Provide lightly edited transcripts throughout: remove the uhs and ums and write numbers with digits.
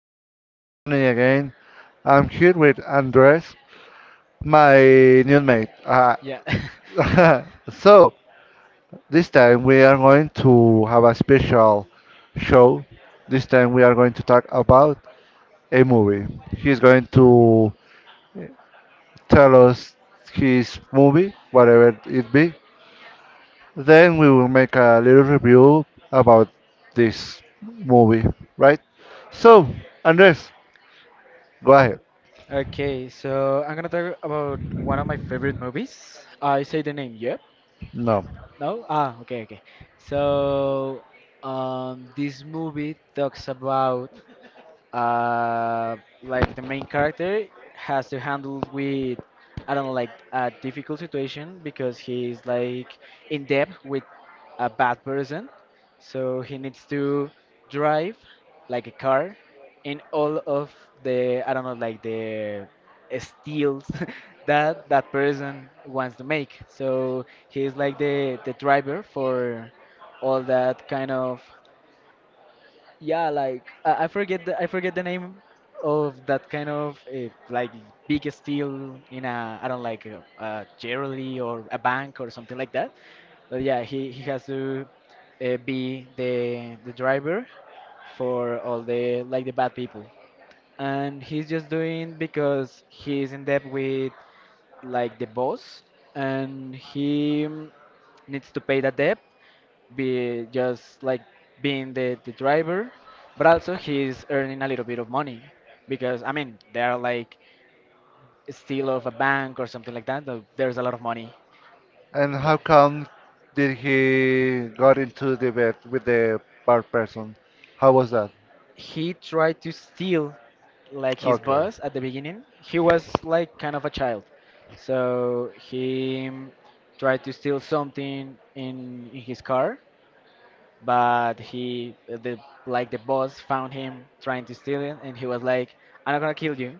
there. This is Tony again. I'm here with Andres, my new mate. Yeah. so, this time we are going to have a special show. This time we are going to talk about a movie. He's going to tell us his movie, whatever it be. Then we will make a little review about this movie, right? So, Andres, go ahead. Okay, so I'm gonna talk about one of my favorite movies. I say the name, yep. No. No? Okay. So, this movie talks about uh, like the main character has to handle with I don't know like a difficult situation because he's like in debt with a bad person, so he needs to drive like a car in all of the I don't know like the steals that that person wants to make. So he's like the driver for all that kind of yeah, like I forget I forget the name of that kind of like big steel in a I don't like a jewelry or a bank or something like that. But yeah, he has to be the driver for all the like the bad people, and he's just doing because he's in debt with like the boss, and he needs to pay that debt be just like being the driver, but also he's earning a little bit of money because I mean they are like steal of a bank or something like that. There's a lot of money And in how there. come did he got into the bed with the bar person? How was that? He tried to steal like his Okay. boss at the beginning. He was like kind of a child, so he tried to steal something in his car. But he the like the boss found him trying to steal it, and he was like, "I'm not gonna kill you.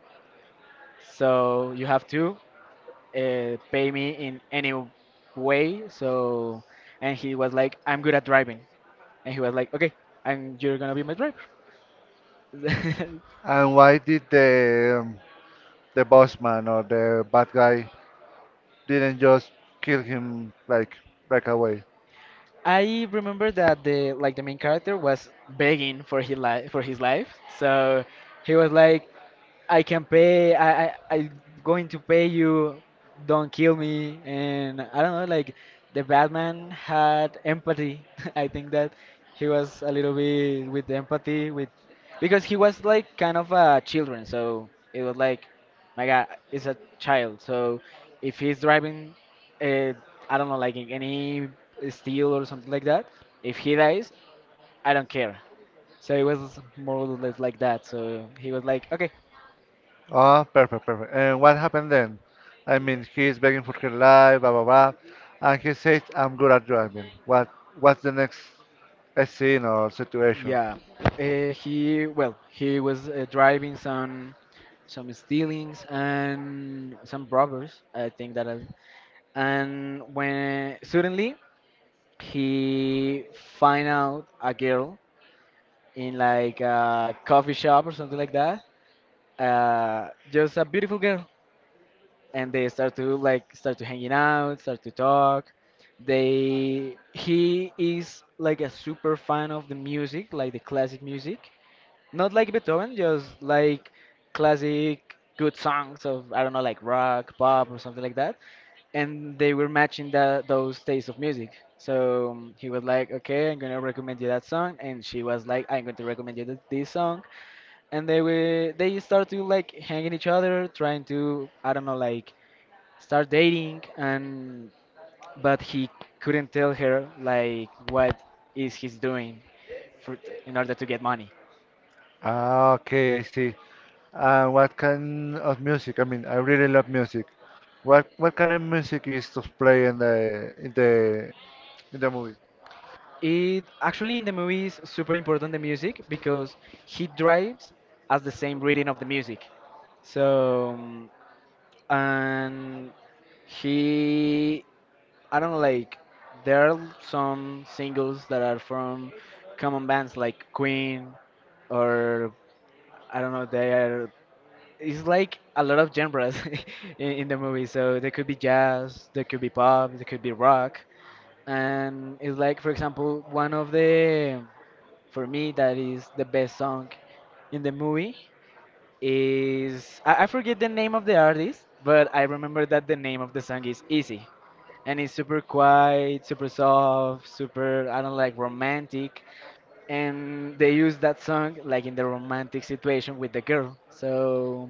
So you have to pay me in any way." So and he was like, "I'm good at driving," and he was like, "Okay, and you're gonna be my driver." And why did the boss man or the bad guy didn't just kill him like right away? I remember that the like the main character was begging for his life for his life, so he was like, "I can pay. I'm going to pay you. Don't kill me." And I don't know, like the Batman had empathy. I think that he was a little bit with empathy with because he was like kind of a children. So it was like, my God, it's a child. So if he's driving, uh, I don't know, like in any steel or something like that. If he dies, I don't care. So it was more or less like that. So he was like, okay. Ah, perfect, perfect. And what happened then? I mean, he's begging for her life, blah blah blah, and he says, "I'm good at driving." What's the next scene or situation? Yeah, he well, he was driving some stealings and some robbers. I think that, is. And when suddenly he find out a girl in like a coffee shop or something like that. Just a beautiful girl, and they start to like start to hanging out, start to talk. They he is like a super fan of the music, like the classic music. Not like Beethoven, just like classic good songs of I don't know like rock, pop or something like that. And they were matching that those tastes of music. He was like, "Okay, I'm gonna recommend you that song," and she was like, "I'm going to recommend you this song." And they were they start to like hanging each other, trying to I don't know like start dating, and but he couldn't tell her like what is he's doing for in order to get money. Ah, okay, I see. What kind of music? I mean, I really love music. What kind of music is to play in the movie? It actually in the movie is super important the music because he drives as the same reading of the music. So um, and he I don't know like there are some singles that are from common bands like Queen or I don't know they are it's like a lot of genres in the movie. So there could be jazz, there could be pop, there could be rock, and it's like for example one of the for me, that is the best song in the movie. Is I forget the name of the artist, but I remember that the name of the song is Easy, and it's super quiet, super soft, super I don't like romantic, and they use that song like in the romantic situation with the girl. So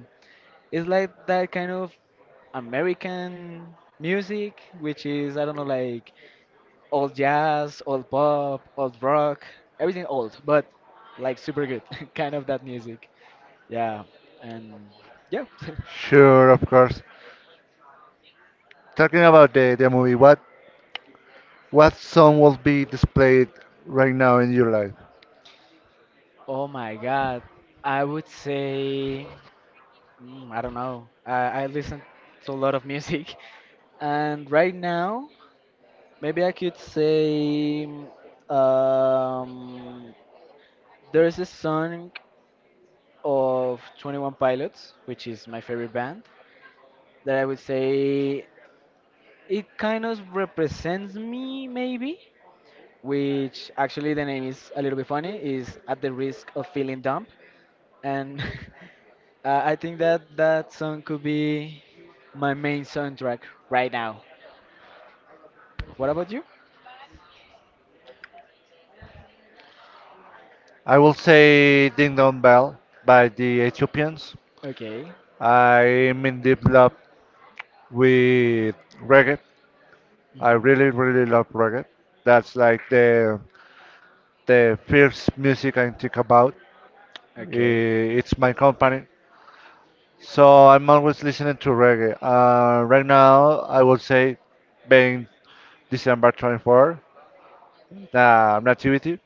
it's like that kind of American music, which is I don't know like old jazz, old pop, old rock, everything old, but like super good, kind of that music. Yeah, and yeah. Sure, of course. Talking about the movie, what song will be displayed right now in your life? Oh my God, I would say I don't know. I listen to a lot of music, and right now maybe I could say um, there is a song of Twenty One Pilots, which is my favorite band, that I would say it kind of represents me, maybe, which actually the name is a little bit funny, is At the Risk of Feeling Dumb. And I think that that song could be my main soundtrack right now. What about you? I will say Ding Dong Bell by the Ethiopians. Okay, I'm in deep love with reggae. I really, really love reggae. That's like the first music I think about. okay, It's my company. So I'm always listening to reggae. Right now, I will say, being December 24th, Nativity,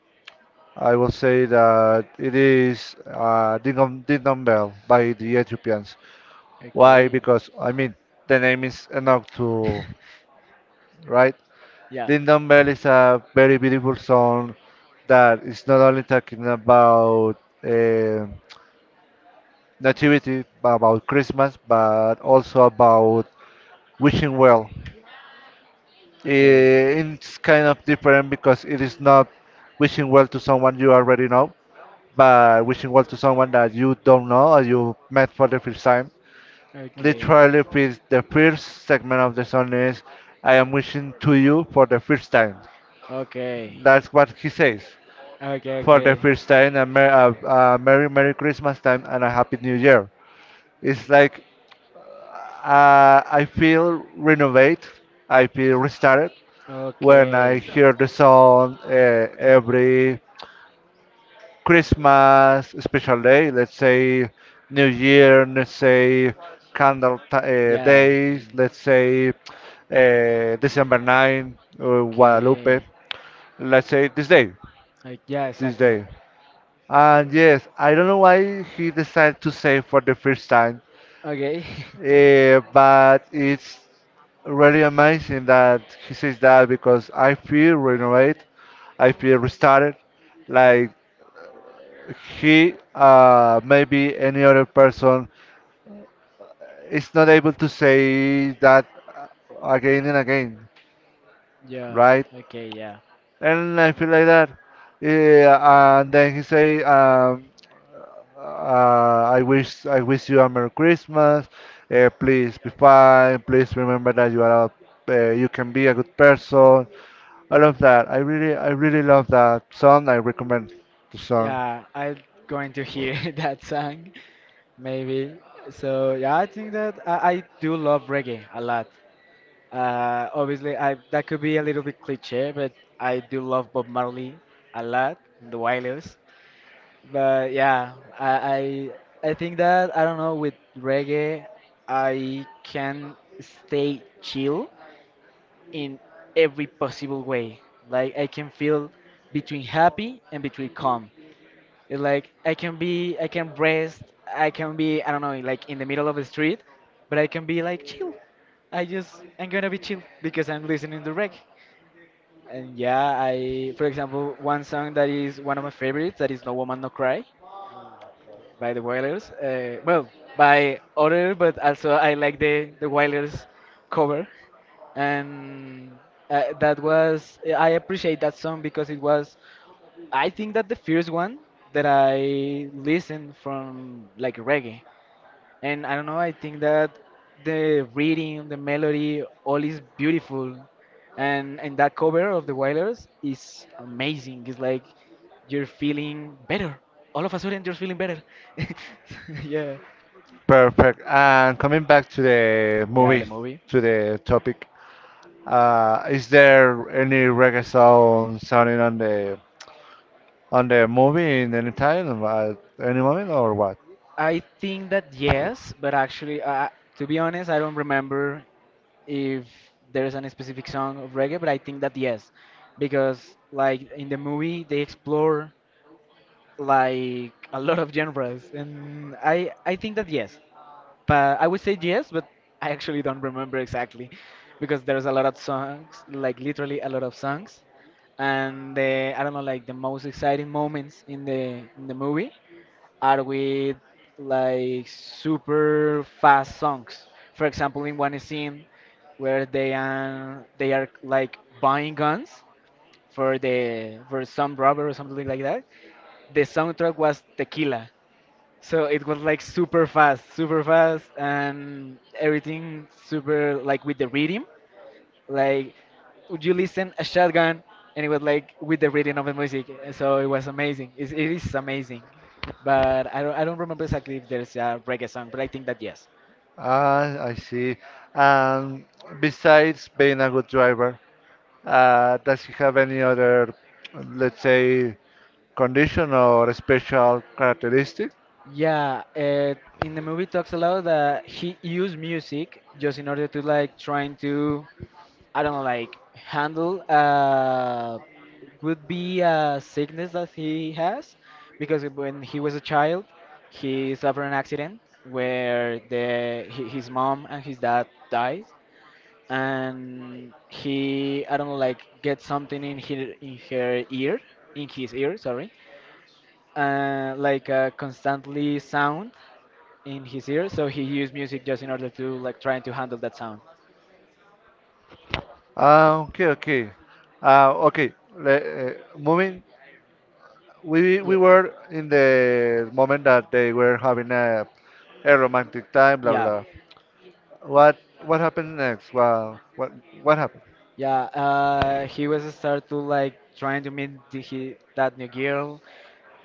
I will say that it is Dingam Dingam Bell by the Ethiopians. Why? okay. Because, I mean, the name is enough to, right? Yeah, Dingam Bell is a very beautiful song that is not only talking about nativity, about Christmas, but also about wishing well. okay, It's kind of different because it is not wishing well to someone you already know, but wishing well to someone that you don't know or you met for the first time. Literally, the first okay. segment of the song is I am wishing to you for the first time. Okay. That's what he says. Okay, For the okay. first time, a Merry Merry Christmas time and a Happy New Year. It's like I feel renovate, I feel restarted, when I Okay. hear the song every Christmas special day, let's say New Year, let's say Candle Yeah. Days, let's say December 9th, or Guadalupe, Okay. let's say this day, Yeah, this exactly. day. And yes, I don't know why he decided to say for the first time, Okay. But it's really amazing that he says that because I feel renewed, I feel restarted. Like he, maybe any other person is not able to say that again and again, Yeah. right? Okay, yeah. And I feel like that. Yeah, and then he say, I wish you a Merry Christmas. Please be fine. Please remember that you are you can be a good person. I love that. I really love that song. I recommend the song. Yeah, I'm going to hear that song maybe. So, yeah, I think that I do love reggae a lot. Obviously, I that could be a little bit cliche, but I do love Bob Marley a lot, The Wailers. But yeah, I, I think that I don't know with reggae, I can stay chill in every possible way. Like I can feel between happy and between calm. It's like I can be, I can rest, I can be, I don't know, like in the middle of the street, but I can be like chill. I just, I'm gonna be chill because I'm listening to reggae. And yeah, I, for example, one song that is one of my favorites, that is No Woman No Cry by the Wailers. Well, by other, but also I like the Wailers cover, and that was I appreciate that song because it was I think that the first one that I listened from like reggae, and I don't know. I think that the reading, the melody, all is beautiful, and that cover of the Wailers is amazing. It's like you're feeling better. All of a sudden, you're feeling better. Yeah, Perfect. And coming back to the yeah, the movie, movie. to the topic, is there any reggae song sounding on the movie in any time, at any moment, or what? I think that yes, but actually, to be honest, I don't remember if there's any specific song of reggae, but I think that yes, because like in the movie they explore like a lot of genres, and I think that yes, but I would say yes, but I actually don't remember exactly because there's a lot of songs, like literally a lot of songs, and the I don't know like the most exciting moments in the movie are with like super fast songs. For example, in one scene where they are like buying guns for the for some robber or something like that, the soundtrack was Tequila. So it was like super fast, and everything super like with the rhythm. Like, would you listen a shotgun, and it was like with the rhythm of the music. So it was amazing. It's, it is amazing. But I don't remember exactly if there's a reggae song, but I think that yes. Ah, I see. And besides being a good driver, does he have any other, let's say, condition or special characteristic? Yeah, in the movie talks a lot that he used music just in order to like trying to I don't know, like handle would be a sickness that he has because when he was a child, he suffered an accident where his mom and his dad died, and he I don't know like get something in her ear, in his ear, sorry, like a constantly sound in his ear, so he used music just in order to like trying to handle that sound. Ah, okay, okay. Okay. Moving, we Yeah. we were in the moment that they were having a romantic time, blah Yeah, blah. What what happened next? Well, what happened? yeah. He was start to like trying to meet he, that new girl,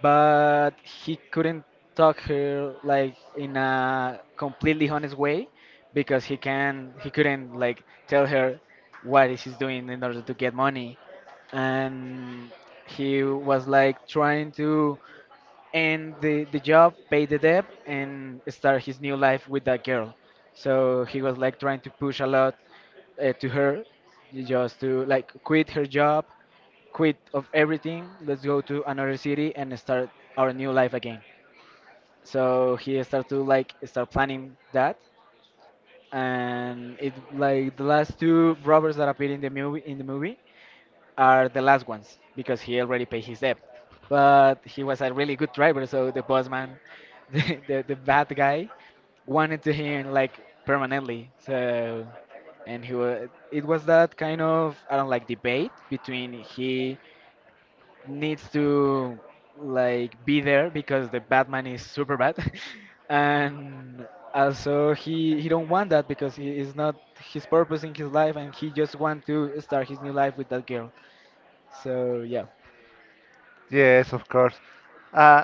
but he couldn't talk her like in a completely honest way because he can he couldn't like tell her what is he's doing in order to get money, and he was like trying to and the job paid the debt and start his new life with that girl, so he was like trying to push a lot to her just to like quit her job, quit of everything, let's go to another city and start our new life again, so he started to like start planning that, and it like the last two robbers that appeared in the movie are the last ones because he already paid his debt. But he was a really good driver, so the bossman, the bad guy, wanted to him like permanently. So, and he was, it was that kind of I don't like debate between he needs to like be there because the Batman is super bad, and also he don't want that because he is not his purpose in his life and he just want to start his new life with that girl. So yeah. Yes, of course. Uh,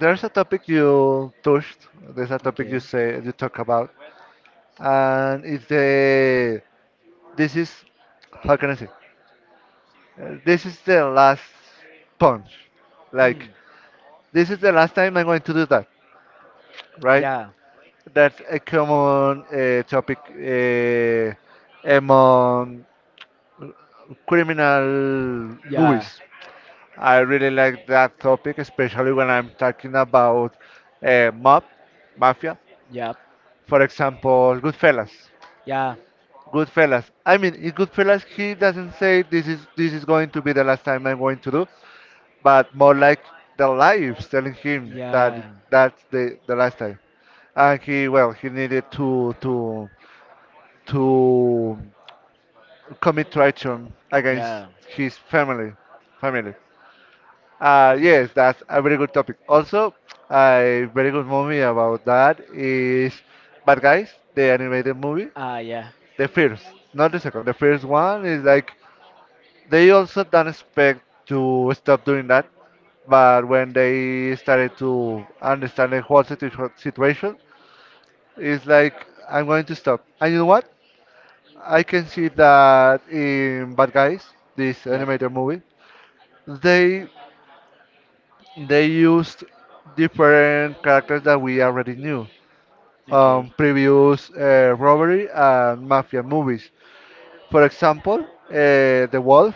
there's a topic you touched. There's a topic you Okay. say you talk about, and it's the this is how can I say? This is the last punch. Hmm. Like this is the last time I'm going to do that, right? Yeah. That's a common topic among criminal Yeah. movies. I really like that topic, especially when I'm talking about mob, mafia. Yep. For example, Goodfellas. Yeah. Goodfellas. I mean, in Goodfellas, he doesn't say this is going to be the last time I'm going to do, but more like the life telling Yeah. him that Yeah. that's the last time and he well he needed to commit treason against his family. Family. Yes, that's a very good topic. Also, a very good movie about that is Bad Guys, the animated movie, Ah, yeah. the first, not the second. The first one is like they also don't expect to stop doing that, but when they started to understand the whole situation, it's like I'm going to stop. And you know what? I can see that in Bad Guys, this Yep. animated movie, they they used different characters that we already knew Okay. Previous robbery and mafia movies. For example, uh, the wolf,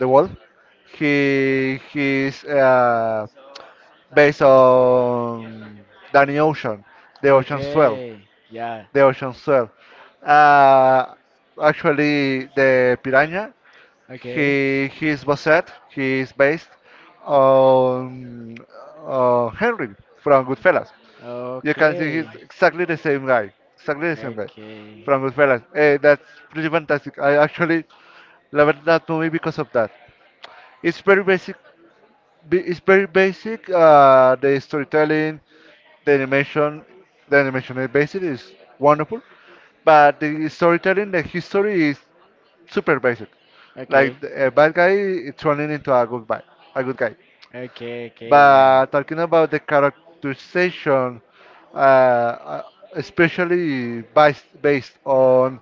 the wolf, he's based on Danny Ocean, the Ocean's Twelve, Okay. Yeah. the Ocean's Twelve. Uh, actually, the piranha. Okay. He is based on Henry from Goodfellas. You can see Okay. he's exactly the same guy, exactly the same guy Okay. from Goodfellas. That's pretty fantastic. I actually loved that movie because of that. It's very basic. It's very basic. The storytelling, the animation, the animation is basic is wonderful, but the storytelling, the history is super basic. Like Okay. a bad guy turning into a good guy, a good guy. Okay, okay, yeah. But talking about the characterization, uh, uh, especially based on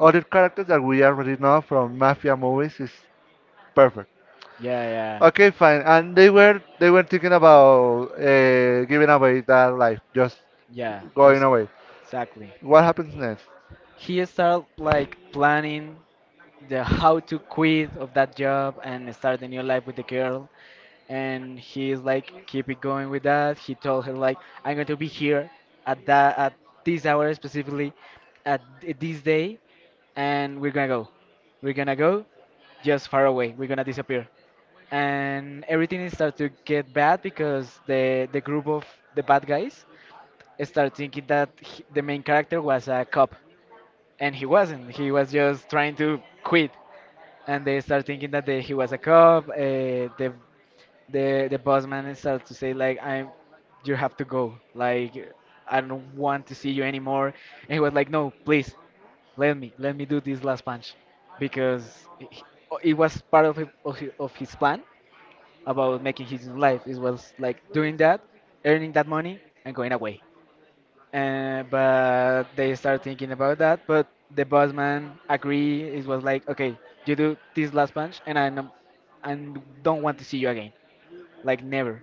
other characters that we already know from mafia movies, is perfect. Yeah, yeah. Okay, fine. And they were thinking about giving away that life, just Yeah, going just away. exactly. What happens next? He started like planning the how to quit of that job and start a new life with the girl. And he's like keep it going with that. He told her like I'm going to be here at this hour specifically at this day, and we're gonna go. We're gonna go just far away. We're gonna disappear. And everything is to get bad because the group of the bad guys start thinking that the main character was a cop, and he wasn't. He was just trying to quit, and they start thinking that he was a cop. The the boss man start to say like, I'm, you have to go, like I don't want to see you anymore. And he was like, no, please, let me do this last punch, because it was part of, his plan about making his life. It was like doing that, earning that money, and going away. But they start thinking about that. But the boss man agree. It was like, okay, you do this last punch, and I and don't want to see you again, like never.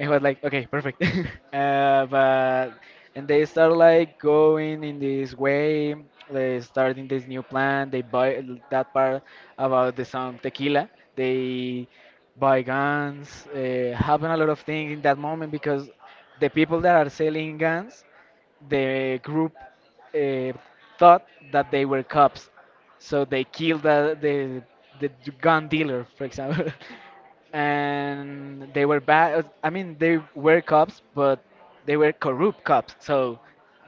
And was like, okay, perfect. But and they start like going in this way. They start in this new plan. They buy that part about the song Tequila. They buy guns. Happen a lot of things in that moment because the people that are selling guns, the group, uh, thought that they were cops, so they killed the gun dealer, for example. And they were bad. I mean, they were cops, but they were corrupt cops. So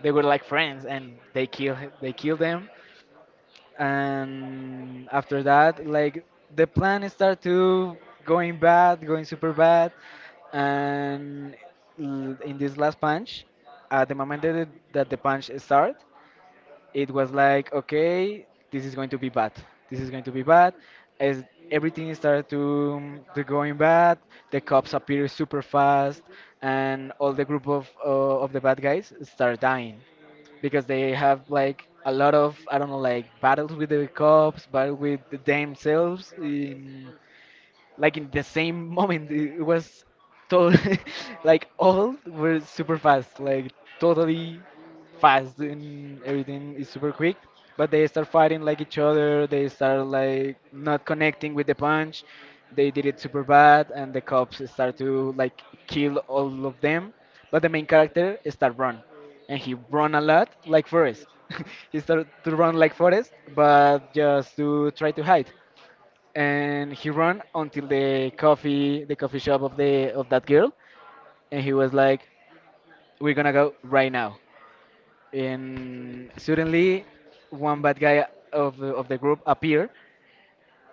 they were like friends, and they kill them. And after that, like the plan start to going bad, going super bad. And in this last punch, at the moment that the punch start, it was like, okay, this is going to be bad, this is going to be bad, as everything started to going bad. The cops appear super fast, and all the group of the bad guys start dying because they have like a lot of, I don't know, like battles with the cops, battle with themselves, in like in the same moment. It was total, like all were super fast, like totally fast, and everything is super quick. But they start fighting like each other. They start like not connecting with the punch. They did it super bad, and the cops start to like kill all of them. But the main character start run, and he run a lot like Forest. He started to run like Forest, but just to try to hide. And he ran until the coffee shop of the of that girl. And he was like, we're gonna go right now. And suddenly, one bad guy of the group appeared,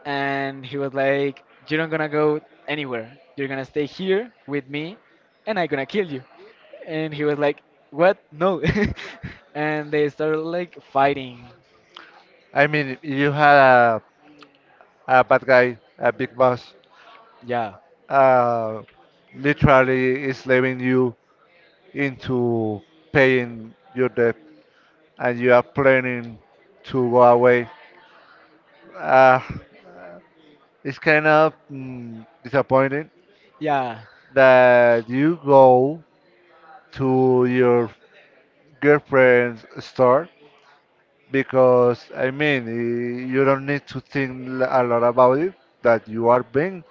and he was like, you're not gonna go anywhere. You're gonna stay here with me, and I'm gonna kill you. And he was like, what, no. And they started like fighting. I mean, you had a bad guy, a big boss. Yeah, uh, literally is leaving you into paying your debt and you are planning to go away. Uh, it's kind of disappointing yeah, that you go to your girlfriend's store because I mean you don't need to think a lot about it that you are being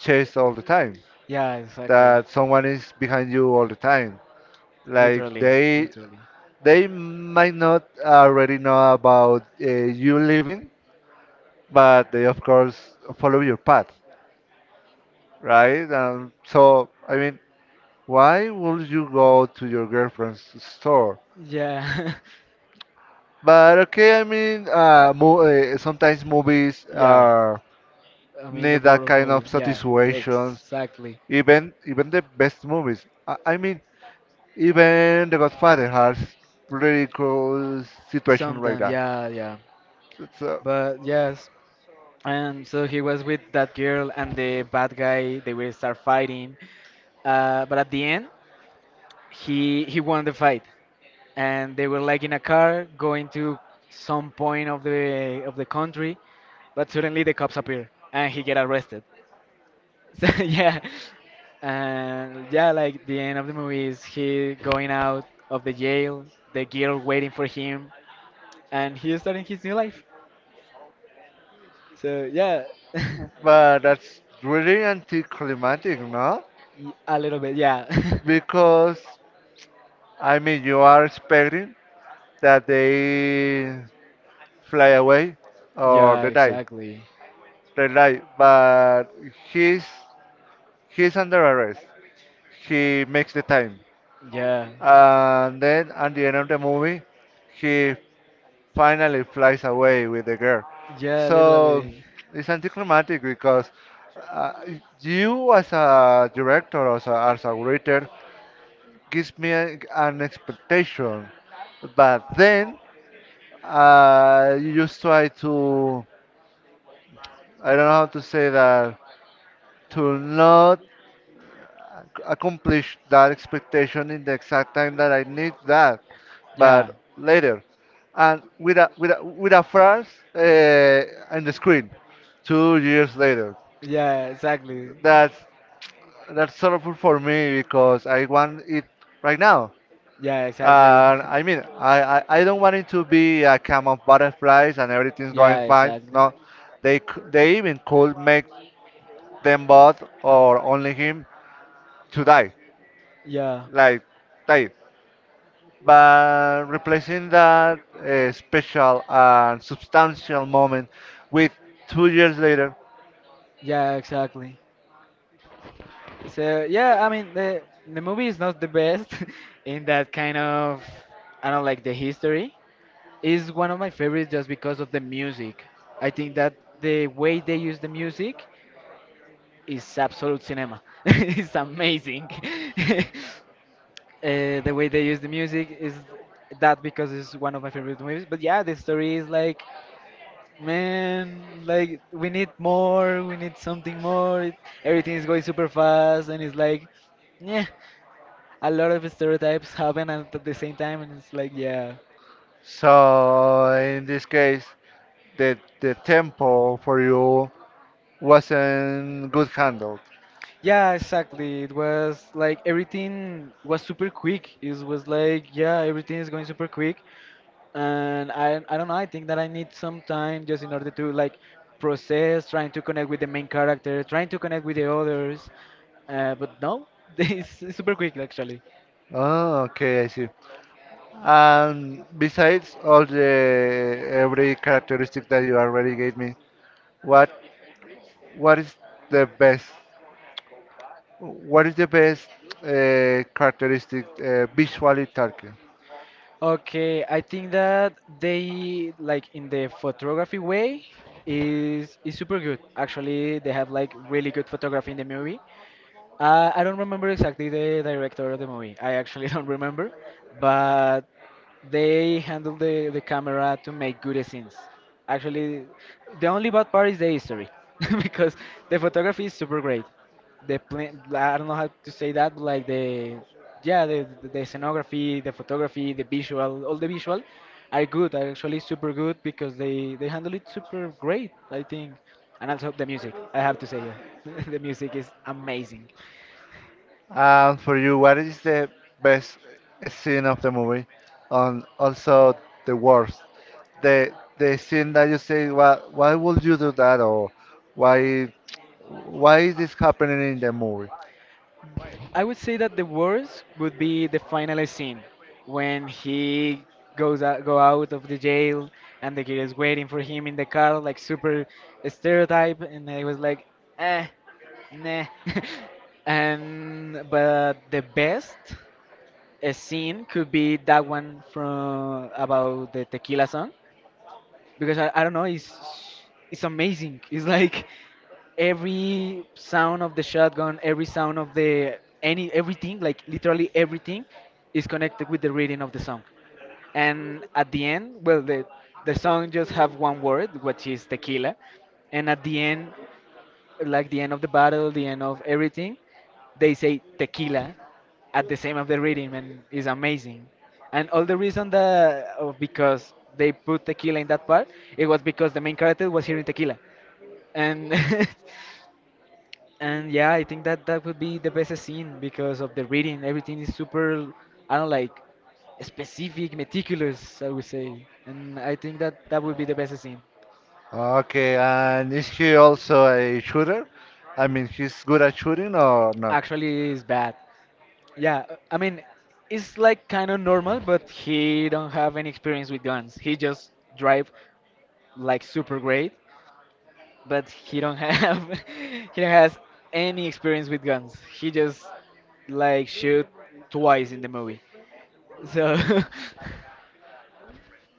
chased all the time yeah, exactly. that someone is behind you all the time. like Literally. they Literally. They might not already know about you living, but they of course follow your path, right? So I mean, why would you go to your girlfriend's store? Yeah. But okay, I mean, mo sometimes movies Yeah. are I mean, the need that world of kind of movie. Yeah, satisfactions. exactly. Even the best movies. I mean, even The Godfather has really cool situation like Sometimes, that. yeah, yeah. So. But yes, and so he was with that girl, and the bad guy, they will start fighting. But at the end, he won the fight, and they were like in a car going to some point of the country. But suddenly the cops appear, and he get arrested. So, yeah, and yeah, like the end of the movie is he going out of the jail, the girl waiting for him, and he is starting his new life. So yeah. But that's really anticlimactic, no? Y- a little bit, yeah. Because, I mean, you are expecting that they fly away or Yeah, they die. exactly. They die, but he's, he's under arrest. He makes the time. Yeah, And then at the end of the movie, he finally flies away with the girl. yeah, So literally. it's anticlimactic because uh, you, as a director or as a, writer, gives me an expectation. But then you just try to, I don't know how to say that, to not accomplish that expectation in the exact time that I need that, Yeah, but later. And with a flash on the screen, 2 years later. yeah, exactly. That's, that's sorrowful for me because I want it right now. Yeah, exactly. I mean, I don't want it to be a calm of butterflies and everything's Yeah, going fine. exactly. No, they even could make them both or only him to die, Yeah, like die. But replacing that special and substantial moment with 2 years later. yeah, exactly. So yeah, I mean, the movie is not the best, in that kind of. I don't like the history. It's one of my favorites just because of the music. I think that the way they use the music is absolute cinema. It's amazing. The way they use the music is that, because it's one of my favorite movies. But yeah, the story is like, man, like we need more, we need something more. It, everything is going super fast, and it's like, yeah, a lot of stereotypes happen at the same time, and it's like, yeah, So in this case, the tempo for you wasn't good handled. yeah, exactly. It was like everything was super quick. It was like, yeah, everything is going super quick, and I don't know. I think that I need some time just in order to like process, trying to connect with the main character, trying to connect with the others. But no, it's super quick actually. Oh, okay, I see. And besides all the every characteristic that you already gave me, what what is the best? What is the best characteristic visually talking? Okay, I think that they, like in the photography way, is super good. Actually, they have like really good photography in the movie. I don't remember exactly the director of the movie. I actually don't remember, but they handle the camera to make good scenes. Actually, the only bad part is the history, because the photography is super great. The plan, I don't know how to say that, but like the, yeah, the scenography, the photography, the visual, all the visual are good, are actually super good, because they handle it super great, I think. And also the music, I have to say, yeah. The music is amazing. And for you, what is the best scene of the movie? And also the worst, the the scene that you say, why would you do that, or why why is this happening in the movie? I would say that the worst would be the final scene when he go out of the jail, and the girl is waiting for him in the car, like super stereotype, and I was like, eh, nah. and But the best scene could be that one from about the tequila song, because I don't know, it's amazing. It's like every sound of the shotgun, every sound of the any everything, like literally everything, is connected with the reading of the song. And at the end, well, the song just have one word, which is tequila. And at the end, like the end of the battle, the end of everything, they say tequila at the same of the reading, and it's amazing. And all the reason that of because they put tequila in that part, it was because the main character was hearing tequila, and and yeah, I think that that would be the best scene because of the reading. Everything is super, I don't like, specific, meticulous, I would say. And I think that that would be the best scene. Okay, and is he also a shooter? I mean, he's good at shooting or not? Actually, it's bad. Yeah, I mean, it's like kind of normal, but he don't have any experience with guns. He just drive like super great, but he don't have, he don't has any experience with guns. He just like shoot twice in the movie. So.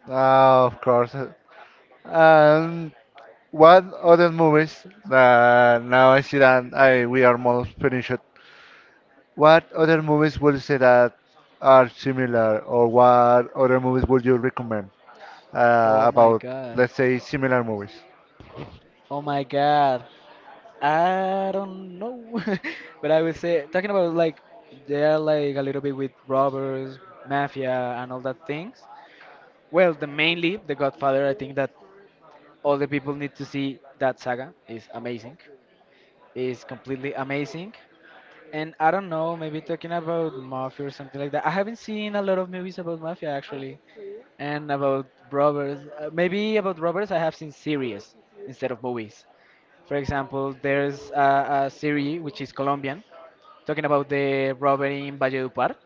Ah, of course. And what other movies? Now I see that I we are almost finished. What other movies would you say that are similar, or what other movies would you recommend Oh my about, god. let's say, similar movies? Oh my god. I don't know. But I would say, talking about like, they are like a little bit with robbers, mafia, and all that things. Well, the mainly The Godfather, I think that all the people need to see that saga. Is amazing. Is completely amazing. And I don't know, maybe talking about mafia or something like that. I haven't seen a lot of movies about mafia actually, and about robbers. Maybe about robbers, I have seen series instead of movies. For example, there's a series which is Colombian, talking about the robbery in Valledupar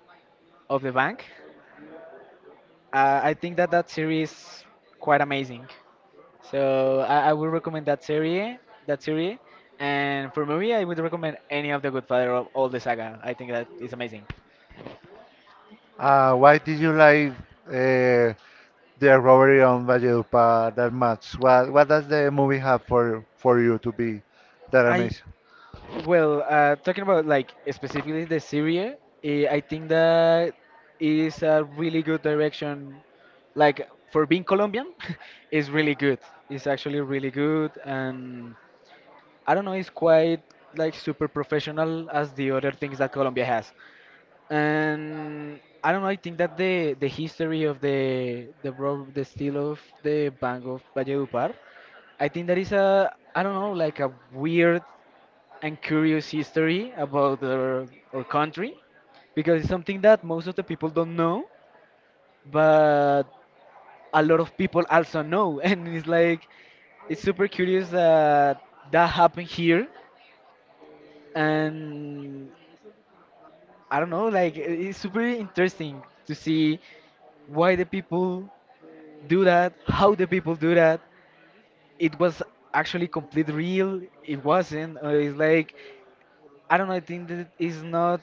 of the bank. I think that that series is quite amazing. So I would recommend that series, that series. And for movie, I would recommend any of the Godfather, of all the saga. I think that is amazing. Why did you like uh, the robbery on Valledupar that much? What does the movie have for you to be that I, amazing? well, talking about like specifically the Syria, eh, I think that is a really good direction. Like for being Colombian, it's really good. It's actually really good, and I don't know, it's quite like super professional as the other things that Colombia has. And I don't know, I think that the history of the rob the steal of the Bank of Valledupar, I think that is a, I don't know, like a weird and curious history about our country, because it's something that most of the people don't know, but a lot of people also know. And it's like, it's super curious that that happened here. And I don't know, like, it's super interesting to see why the people do that, how the people do that. It was actually complete real, it wasn't. It's like, I don't know, I think that it's not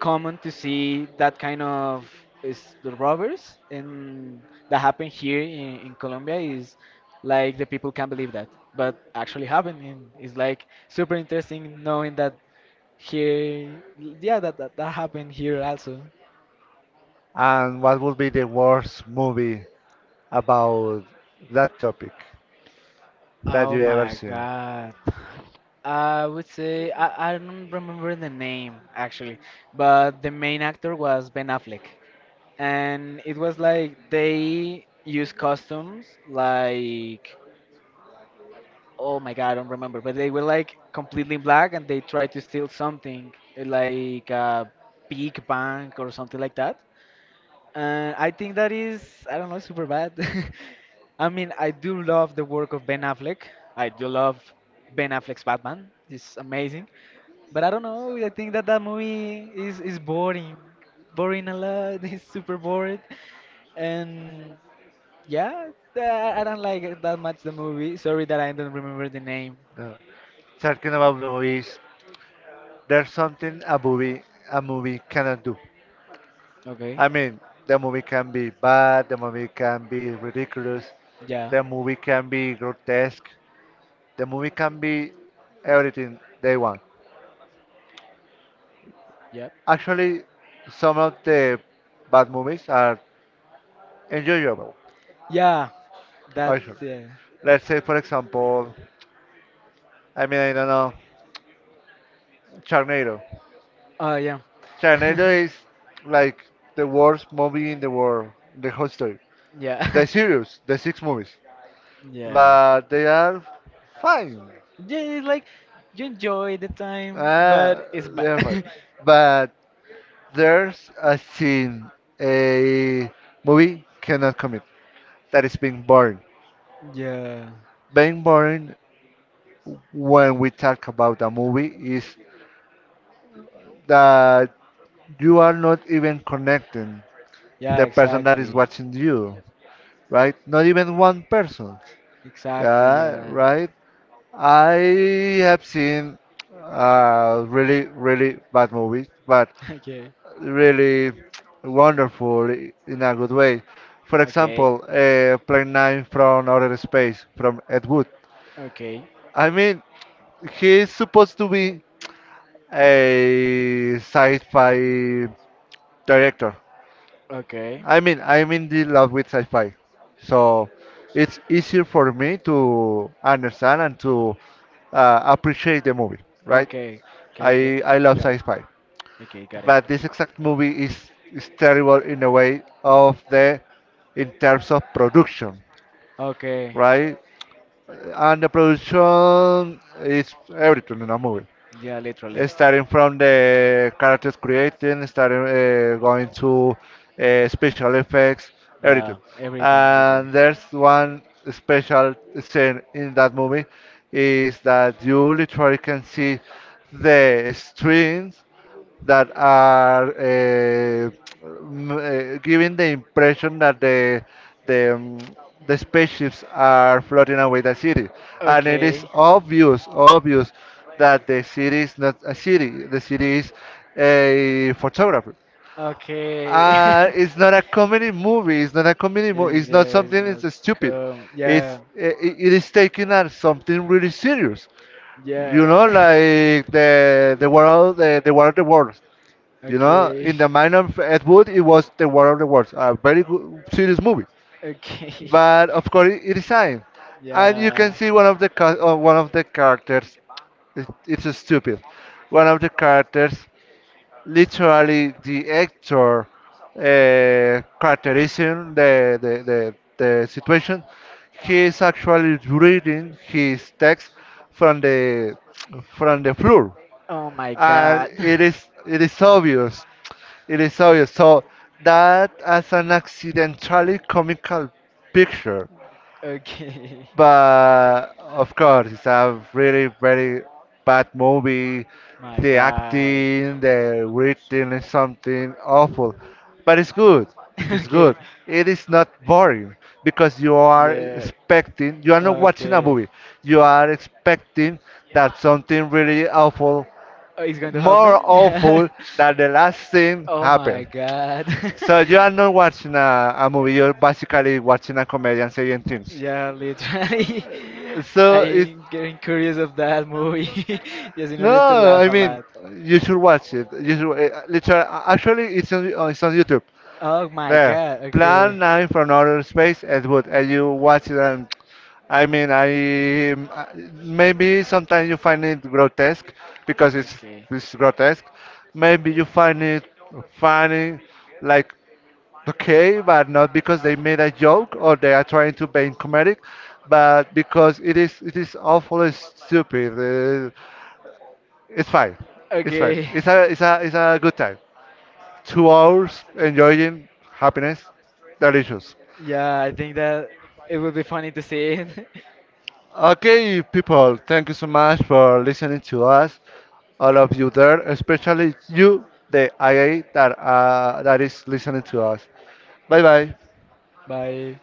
common to see that kind of is the robbers, and that happen here in Colombia is like the people can't believe that, but actually happen, and it's like super interesting knowing that here, yeah, that happened here also. And what would be the worst movie about that topic that Oh you ever my seen? God. I would say I don't remember the name actually, but the main actor was Ben Affleck. And it was like they use customs like, oh my God, I don't remember. But they were like completely black, and they tried to steal something, eh, like a big bank or something like that. And I think that is, I don't know, super bad. I mean, I do love the work of Ben Affleck. I do love Ben Affleck's Batman. It's amazing. But I don't know, I think that that movie is boring. Boring a lot. It's super bored. And yeah, I don't like it that much the movie. Sorry that I don't remember the name. Uh, Talking about movies, there's something a movie cannot do. Okay. I mean, the movie can be bad, the movie can be ridiculous, Yeah. the movie can be grotesque, the movie can be everything they want. Yep. Actually, some of the bad movies are enjoyable. Yeah. That's Actually, it. let's say for example, I mean I don't know, Charnado. Oh yeah. Charnado is like the worst movie in the world, the whole story, Yeah. the series, the six movies, Yeah. but they are fine. Yeah, it's like you enjoy the time, Uh, but it's they bad. are fine. But there's a scene a movie cannot commit that is being boring. Yeah. Being boring when we talk about a movie is that you are not even connecting Yeah. the person that is Exactly. watching you, right? Not even one person, Exactly. yeah, Yeah. right? I have seen really, really bad movies, but Okay. really wonderful in a good way. For Okay. example, Plane 9 from Outer Space from Ed Wood. Okay. Okay. I mean, he is supposed to be a sci-fi director. Okay. I mean, I'm in the love with sci-fi, so it's easier for me to understand and to appreciate the movie, right? Okay. Okay. I love Got it. sci-fi, Okay. Got it. but this exact movie is terrible in a way of the in terms of production, Okay. right? And the production is everything in a movie, Yeah, literally. starting from the characters creating, starting going to special effects, everything. Yeah, everything, literally. And there's one special scene in that movie is that you literally can see the strings that are giving the impression that the um, the spaceships are floating away the city, and it is Okay. obvious, obvious that the city is not a city. The city is a photographer. Okay. It's not a comedy movie. It's not a comedy movie. It's It's not just something. not It's stupid. come. It's Yeah, it is taken as something really serious. yeah. You know, like the world, the war of the worlds. You know, Okay. in the mind of Ed Wood, it was The War of the Worlds, a very good, serious movie. Okay. But of course, it is science, and you can Yeah. see one of the one of the characters. It's stupid. One of the characters, literally the actor, characterizing the situation, he is actually reading his text from the from the floor Oh my and God. it is it is obvious. It is obvious. So that as an accidentally comical picture, Okay. but of course it's a really very bad movie. My The God. acting, the writing is something awful, but it's good. It's Okay. good. It is not boring because you are Yeah. expecting. You are not watching a Okay. movie. You are expecting that something really awful Oh, it's going to more happen? awful that the last Yeah. thing Oh my happened. god. So you are not watching a movie, you're basically watching a comedian saying things. Yeah, literally. So it I'm getting curious of that movie, just in order to no, laugh I a mean lot. you should watch it. You should literally actually it's on YouTube. Oh my There, god, Plan okay. Nine from Outer Space, Ed Wood, and you watch it. And I mean, I maybe sometimes you find it grotesque because it's Okay. it's grotesque. Maybe you find it funny, like okay, but not because they made a joke or they are trying to be comedic, but because it is awful and stupid. It's fine. It's fine. Okay. It's a it's a it's a good time. 2 hours enjoying happiness, delicious. Yeah, I think that it would be funny to see it. Okay, people, thank you so much for listening to us, all of you there, especially you, the IA that is listening to us. Bye bye. Bye.